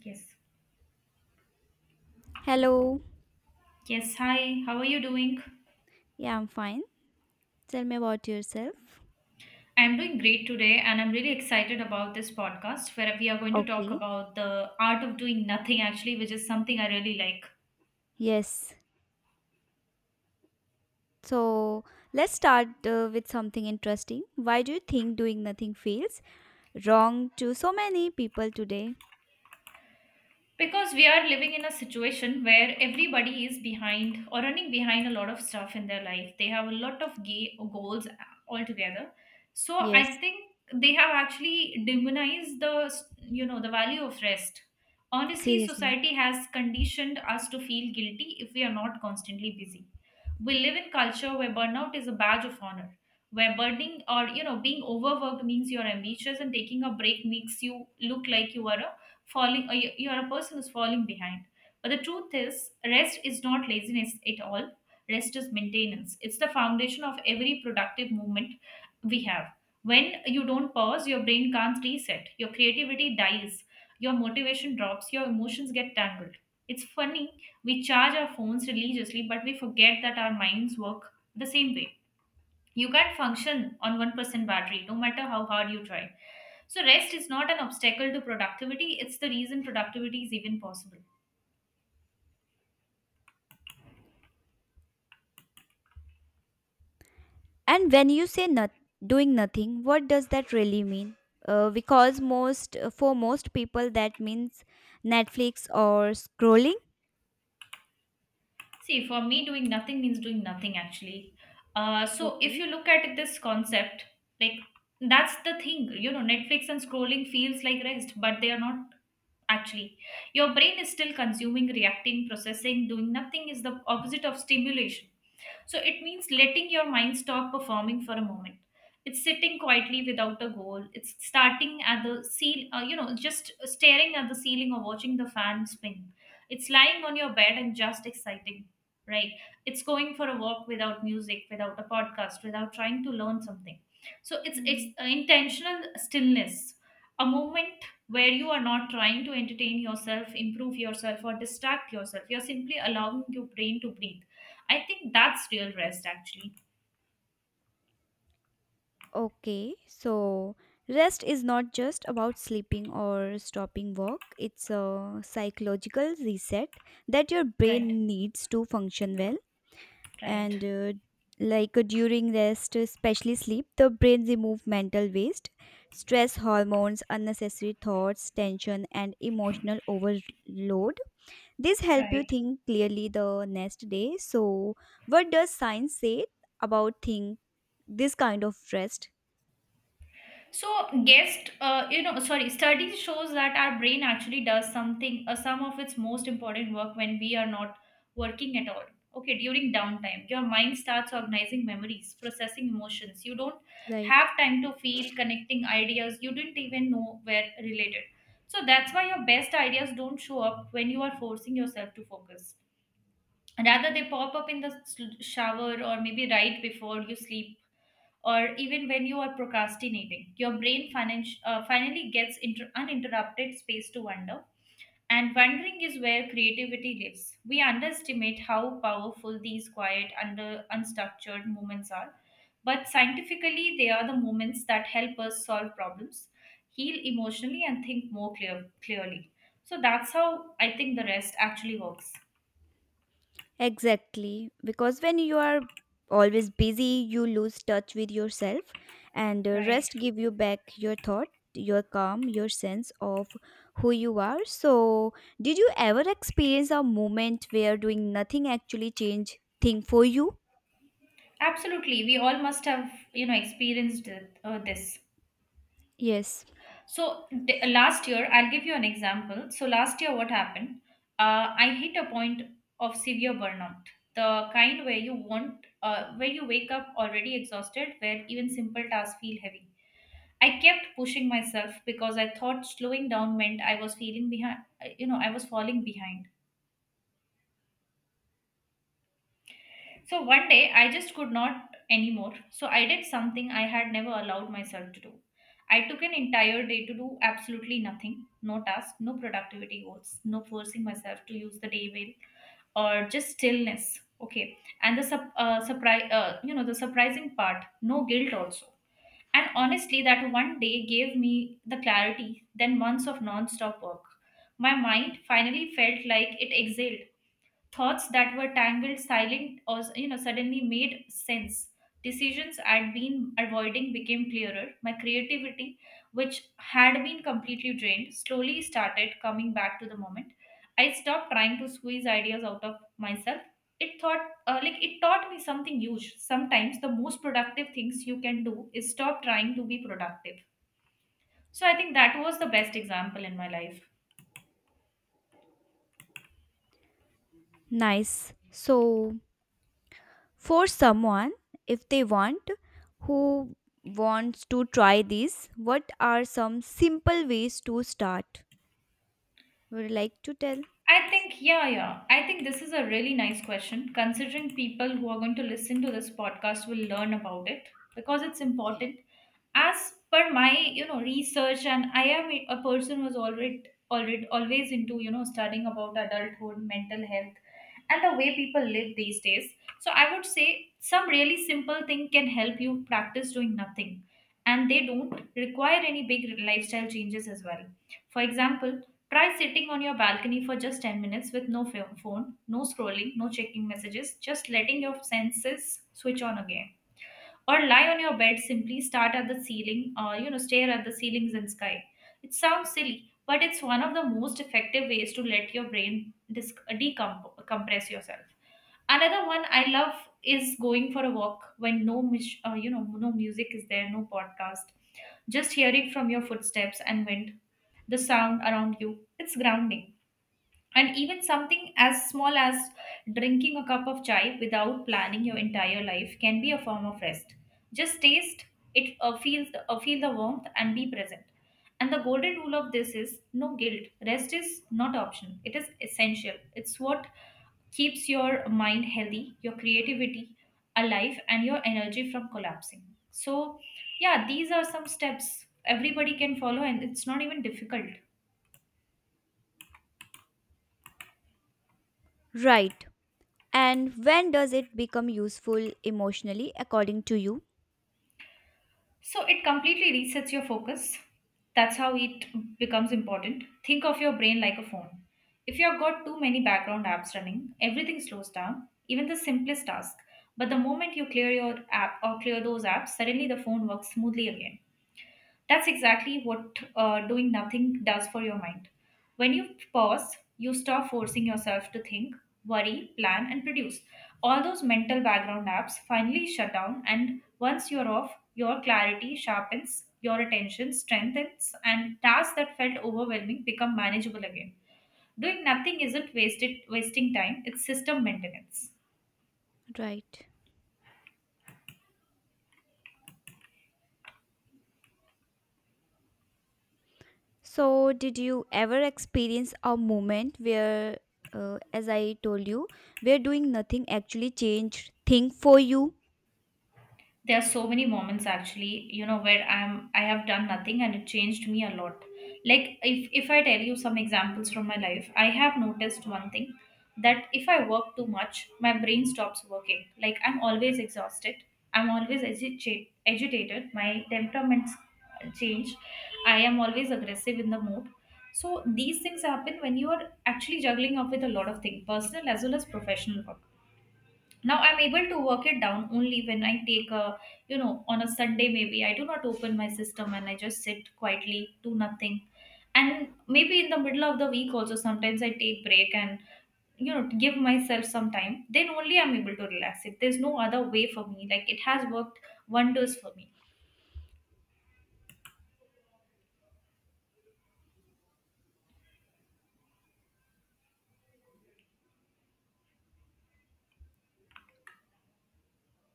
Yes. Hello. Yes. Hi. How are you doing? Yeah, I'm fine. Tell me about yourself. I'm doing great today, and I'm really excited about this podcast where we are going to talk Okay. about the art of doing nothing, actually, which is something I really like. Yes. So let's start with something interesting. Why do you think doing nothing feels wrong to so many people today? Because we are living in a situation where everybody is behind or running behind a lot of stuff in their life. They have a lot of gay goals altogether, so I Yes, think they have actually demonized the you know the value of rest. Honestly, seriously. society has conditioned us to feel guilty if we are not constantly busy. We live in culture where burnout is a badge of honor, where burning or being overworked means you're ambitious, and taking a break makes you look like you are falling, or you're a person who's falling behind. But the truth is, rest is not laziness at all. Rest is maintenance. It's the foundation of every productive movement. We have when you don't pause, your brain can't reset, your creativity dies, your motivation drops, your emotions get tangled. It's funny, we charge our phones religiously, but we forget that our minds work the same way. You can't function on 1% battery no matter how hard you try. So rest is not an obstacle to productivity, it's the reason productivity is even possible. And when you say not doing nothing, what does that really mean? Because most for most people that means Netflix or scrolling. See, for me, doing nothing means doing nothing, actually. So if Okay. you look at this concept, like, that's the thing. Netflix and scrolling feels like rest, but they are not, actually. Your brain is still consuming, reacting, processing. Doing nothing is the opposite of stimulation. So it means letting your mind stop performing for a moment. It's sitting quietly without a goal. It's starting at the ceil, you know, just staring at the ceiling or watching the fan spin. It's lying on your bed and just exciting, right? It's going for a walk without music, without a podcast, without trying to learn something. So it's intentional stillness, a moment where you are not trying to entertain yourself, improve yourself, or distract yourself. You're simply allowing your brain to breathe. I think that's real rest, actually. Okay, so rest is not just about sleeping or stopping work, it's a psychological reset that your Right, brain needs to function well. right, And during rest, especially sleep, the brain removes mental waste, stress hormones, unnecessary thoughts, tension, and emotional overload. This help you right. think clearly the next day. So, what does science say about think this kind of rest? So, guest, you know, sorry, study shows that our brain actually does some of its most important work when we are not working at all. Okay, during downtime, your mind starts organizing memories, processing emotions. You don't Right. have time to feel, connecting ideas. You didn't even know were related. So that's why your best ideas don't show up when you are forcing yourself to focus. Rather, they pop up in the shower, or maybe right before you sleep, or even when you are procrastinating. Your brain finally gets uninterrupted space to wonder. And wondering is where creativity lives. We underestimate how powerful these quiet under unstructured moments are. But scientifically, they are the moments that help us solve problems, heal emotionally, and think more clearly. So that's how I think the rest actually works. Exactly, because when you are always busy, you lose touch with yourself, and Right. rest give you back your thought, your calm, your sense of who you are. So, did you ever experience a moment where doing nothing actually changed thing for you? Absolutely, we all must have experienced this. Yes, So last year, I'll give you an example. So last year, what happened? I hit a point of severe burnout, the kind where where you wake up already exhausted, where even simple tasks feel heavy. I kept pushing myself because I thought slowing down meant I was feeling behind. I was falling behind. So one day I just could not anymore. So I did something I had never allowed myself to do. I took an entire day to do absolutely nothing. No task, no productivity goals, no forcing myself to use the day well, or just stillness. Okay. And the sup- surprise, you know, the surprising part, no guilt also. And honestly, that one day gave me the clarity, then months of non-stop work. My mind finally felt like it exhaled. Thoughts that were tangled, silent, suddenly made sense. Decisions I'd been avoiding became clearer. My creativity, which had been completely drained, slowly started coming back to the moment. I stopped trying to squeeze ideas out of myself. It like it taught me something huge. Sometimes the most productive things you can do is stop trying to be productive. So I think that was the best example in my life. nice. So, for someone, if they want, who wants to try this, what are some simple ways to start? Would you like to tell? I think, yeah, yeah. I think this is a really nice question. Considering people who are going to listen to this podcast will learn about it, because it's important. As per my, research, and I am a person who's already, already always into, studying about adulthood, mental health, and the way people live these days. So I would say some really simple thing can help you practice doing nothing, and they don't require any big lifestyle changes as well. For example, try sitting on your balcony for just 10 minutes with no phone, no scrolling, no checking messages, just letting your senses switch on again. Or lie on your bed, simply start at the ceiling, or stare at the ceilings and sky. It sounds silly, but it's one of the most effective ways to let your brain decompress yourself. Another one I love is going for a walk when no no music is there, no podcast. Just hearing from your footsteps and wind, the sound around you. It's grounding. And even something as small as drinking a cup of chai without planning your entire life can be a form of rest. Just taste it, feel the warmth, and be present. And the golden rule of this is no guilt. Rest is not optional, it is essential. It's what keeps your mind healthy, your creativity alive, and your energy from collapsing. So, yeah, these are some steps everybody can follow, and it's not even difficult. Right. And when does it become useful emotionally, according to you? So it completely resets your focus. That's how it becomes important. Think of your brain like a phone. If you've got too many background apps running, everything slows down, even the simplest task. But the moment you clear your app or clear those apps, suddenly the phone works smoothly again. That's exactly what doing nothing does for your mind. When you pause, you stop forcing yourself to think, worry, plan, and produce. All those mental background apps finally shut down, and once you're off, your clarity sharpens, your attention strengthens, and tasks that felt overwhelming become manageable again. Doing nothing isn't wasted wasting time, it's system maintenance. Right. So, did you ever experience a moment where, as I told you, where doing nothing actually changed thing for you? There are so many moments, actually, where I have done nothing and it changed me a lot. Like, if I tell you some examples from my life, I have noticed one thing. That if I work too much, my brain stops working. Like, I'm always exhausted. I'm always agitated. My temperaments change. I am always aggressive in the mood. So these things happen when you are actually juggling up with a lot of things, personal as well as professional. Now I'm able to work it down only when I take a you know on a Sunday, maybe I do not open my system and I just sit quietly, do nothing. And maybe in the middle of the week also, sometimes I take break, and give myself some time. Then only I'm able to relax it. There's no other way for me. Like, it has worked wonders for me.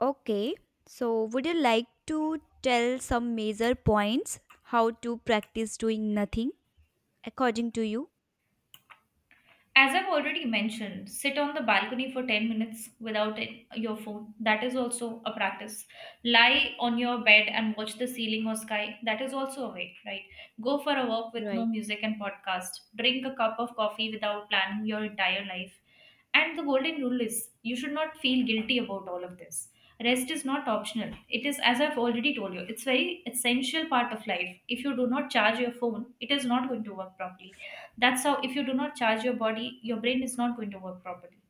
Okay. So, would you like to tell some major points how to practice doing nothing, according to you? As I've already mentioned, sit on the balcony for 10 minutes without your phone. That is also a practice. Lie on your bed and watch the ceiling or sky. That is also a way, right? Go for a walk with no Right. music and podcast. Drink a cup of coffee without planning your entire life. And the golden rule is you should not feel guilty about all of this. Rest is not optional. It is, as I've already told you, it's very essential part of life. If you do not charge your phone, it is not going to work properly. That's how, if you do not charge your body, your brain is not going to work properly.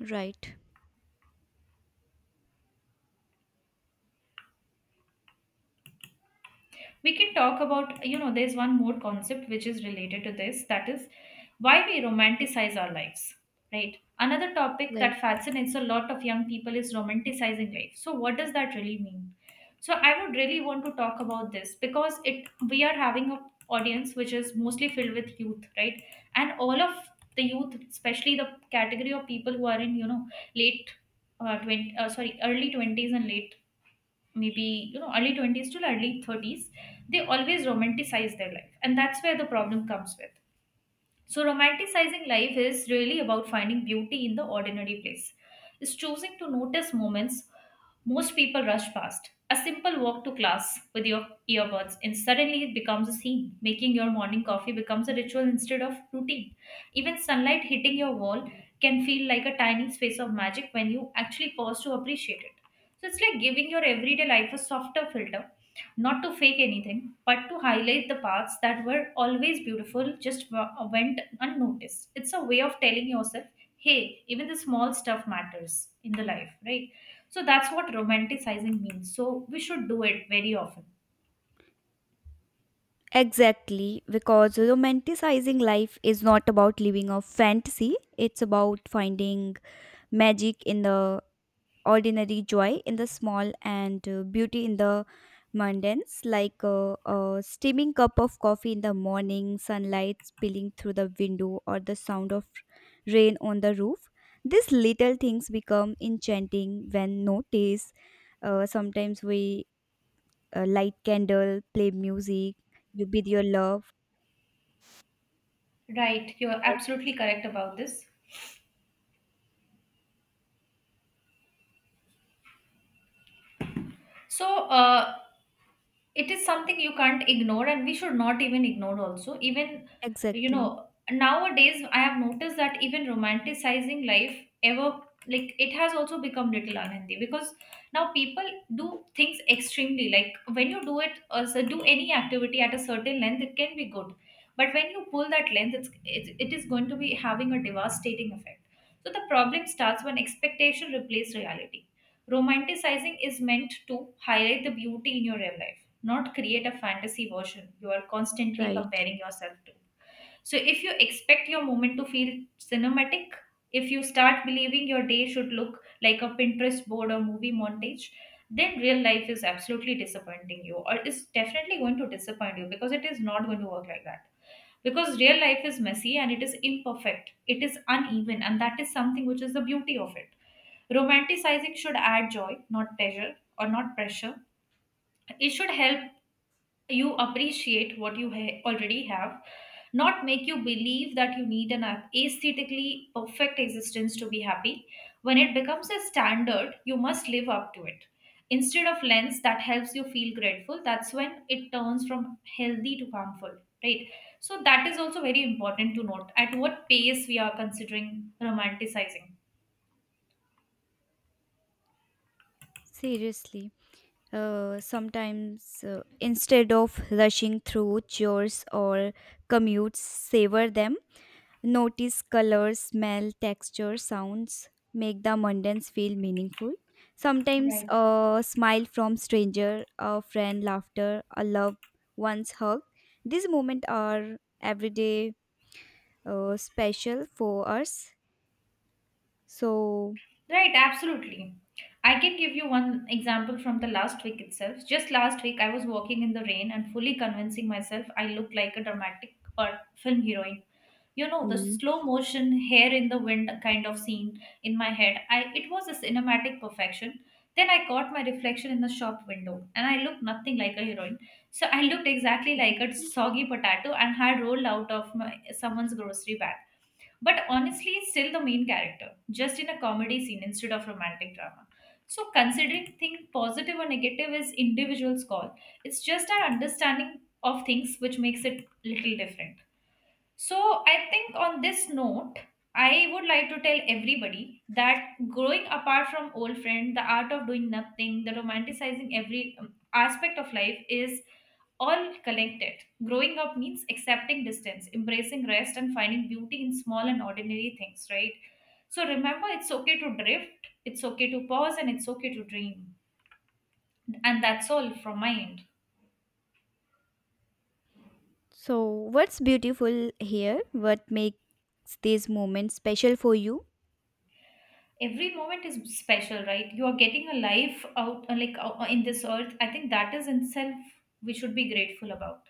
Right. We can talk about, there's one more concept which is related to this, that is why we romanticize our lives, right? Another topic Right. that fascinates a lot of young people is romanticizing life. So what does that really mean? So I would really want to talk about this, because it we are having a audience which is mostly filled with youth, right? And all of the youth, especially the category of people who are in late 20, sorry, early 20s and late, maybe you know early 20s to early 30s, they always romanticize their life, and that's where the problem comes with. So, romanticizing life is really about finding beauty in the ordinary place. It's choosing to notice moments most people rush past. A simple walk to class with your earbuds, and suddenly it becomes a scene. Making your morning coffee becomes a ritual instead of routine. Even sunlight hitting your wall can feel like a tiny space of magic when you actually pause to appreciate it. So, it's like giving your everyday life a softer filter, not to fake anything, but to highlight the parts that were always beautiful, just went unnoticed. It's a way of telling yourself, hey, even the small stuff matters in the life, right? So that's what romanticizing means. So we should do it very often. Exactly, because romanticizing life is not about living a fantasy, it's about finding magic in the ordinary, joy in the small, and beauty in the mundanes, like a steaming cup of coffee in the morning, sunlight spilling through the window, or the sound of rain on the roof. These little things become enchanting when noticed. Sometimes we light candle, play music, you with your love. Right, you're absolutely correct about this. So, it is something you can't ignore, and we should not even ignore also. Even you know, Exactly, nowadays I have noticed that even romanticizing life ever, like, it has also become little unhealthy, because now people do things extremely. Like, when you do it, do any activity at a certain length, it can be good, but when you pull that length, it is going to be having a devastating effect. So the problem starts when expectation replaces reality. Romanticizing is meant to highlight the beauty in your real life, not create a fantasy version you are constantly right. comparing yourself to. So, if you expect your moment to feel cinematic, if you start believing your day should look like a Pinterest board or movie montage, then real life is absolutely disappointing you, or is definitely going to disappoint you, because it is not going to work like that. Because real life is messy and it is imperfect, it is uneven, and that is something which is the beauty of it. Romanticizing should add joy, not pleasure or not pressure. It should help you appreciate what you already have, not make you believe that you need an aesthetically perfect existence to be happy. When it becomes a standard you must live up to, it instead of lens that helps you feel grateful, that's when it turns from healthy to harmful, right? So that is also very important to note, at what pace we are considering romanticizing. Seriously. Sometimes, instead of rushing through chores or commutes, savor them. Notice colors, smell, texture, sounds. Make the mundanes feel meaningful. Sometimes Right. a smile from stranger, a friend, laughter, a loved one's hug. These moments are everyday special for us. So, Right, absolutely. I can give you one example from the last week itself. Just last week, I was walking in the rain and fully convincing myself I looked like a dramatic or film heroine. You know, the hmm. slow motion, hair in the wind kind of scene in my head. I It was a cinematic perfection. Then I caught my reflection in the shop window, and I looked nothing like a heroine. So I looked exactly like a soggy potato and had rolled out of my, someone's grocery bag, but honestly is still the main character, just in a comedy scene instead of romantic drama. So considering thing positive or negative is individual's call. It's just our understanding of things which makes it little different. So, I think on this note, I would like to tell everybody that growing apart from old friend, the art of doing nothing, the romanticizing every aspect of life is all connected. Growing up means accepting distance, embracing rest, and finding beauty in small and ordinary things, right? So remember, it's okay to drift, it's okay to pause, and it's okay to dream. And that's all from my end. So, what's beautiful here? What makes these moments special for you? Every moment is special, right? You are getting a life out, like, in this earth, I think that is in itself we should be grateful about.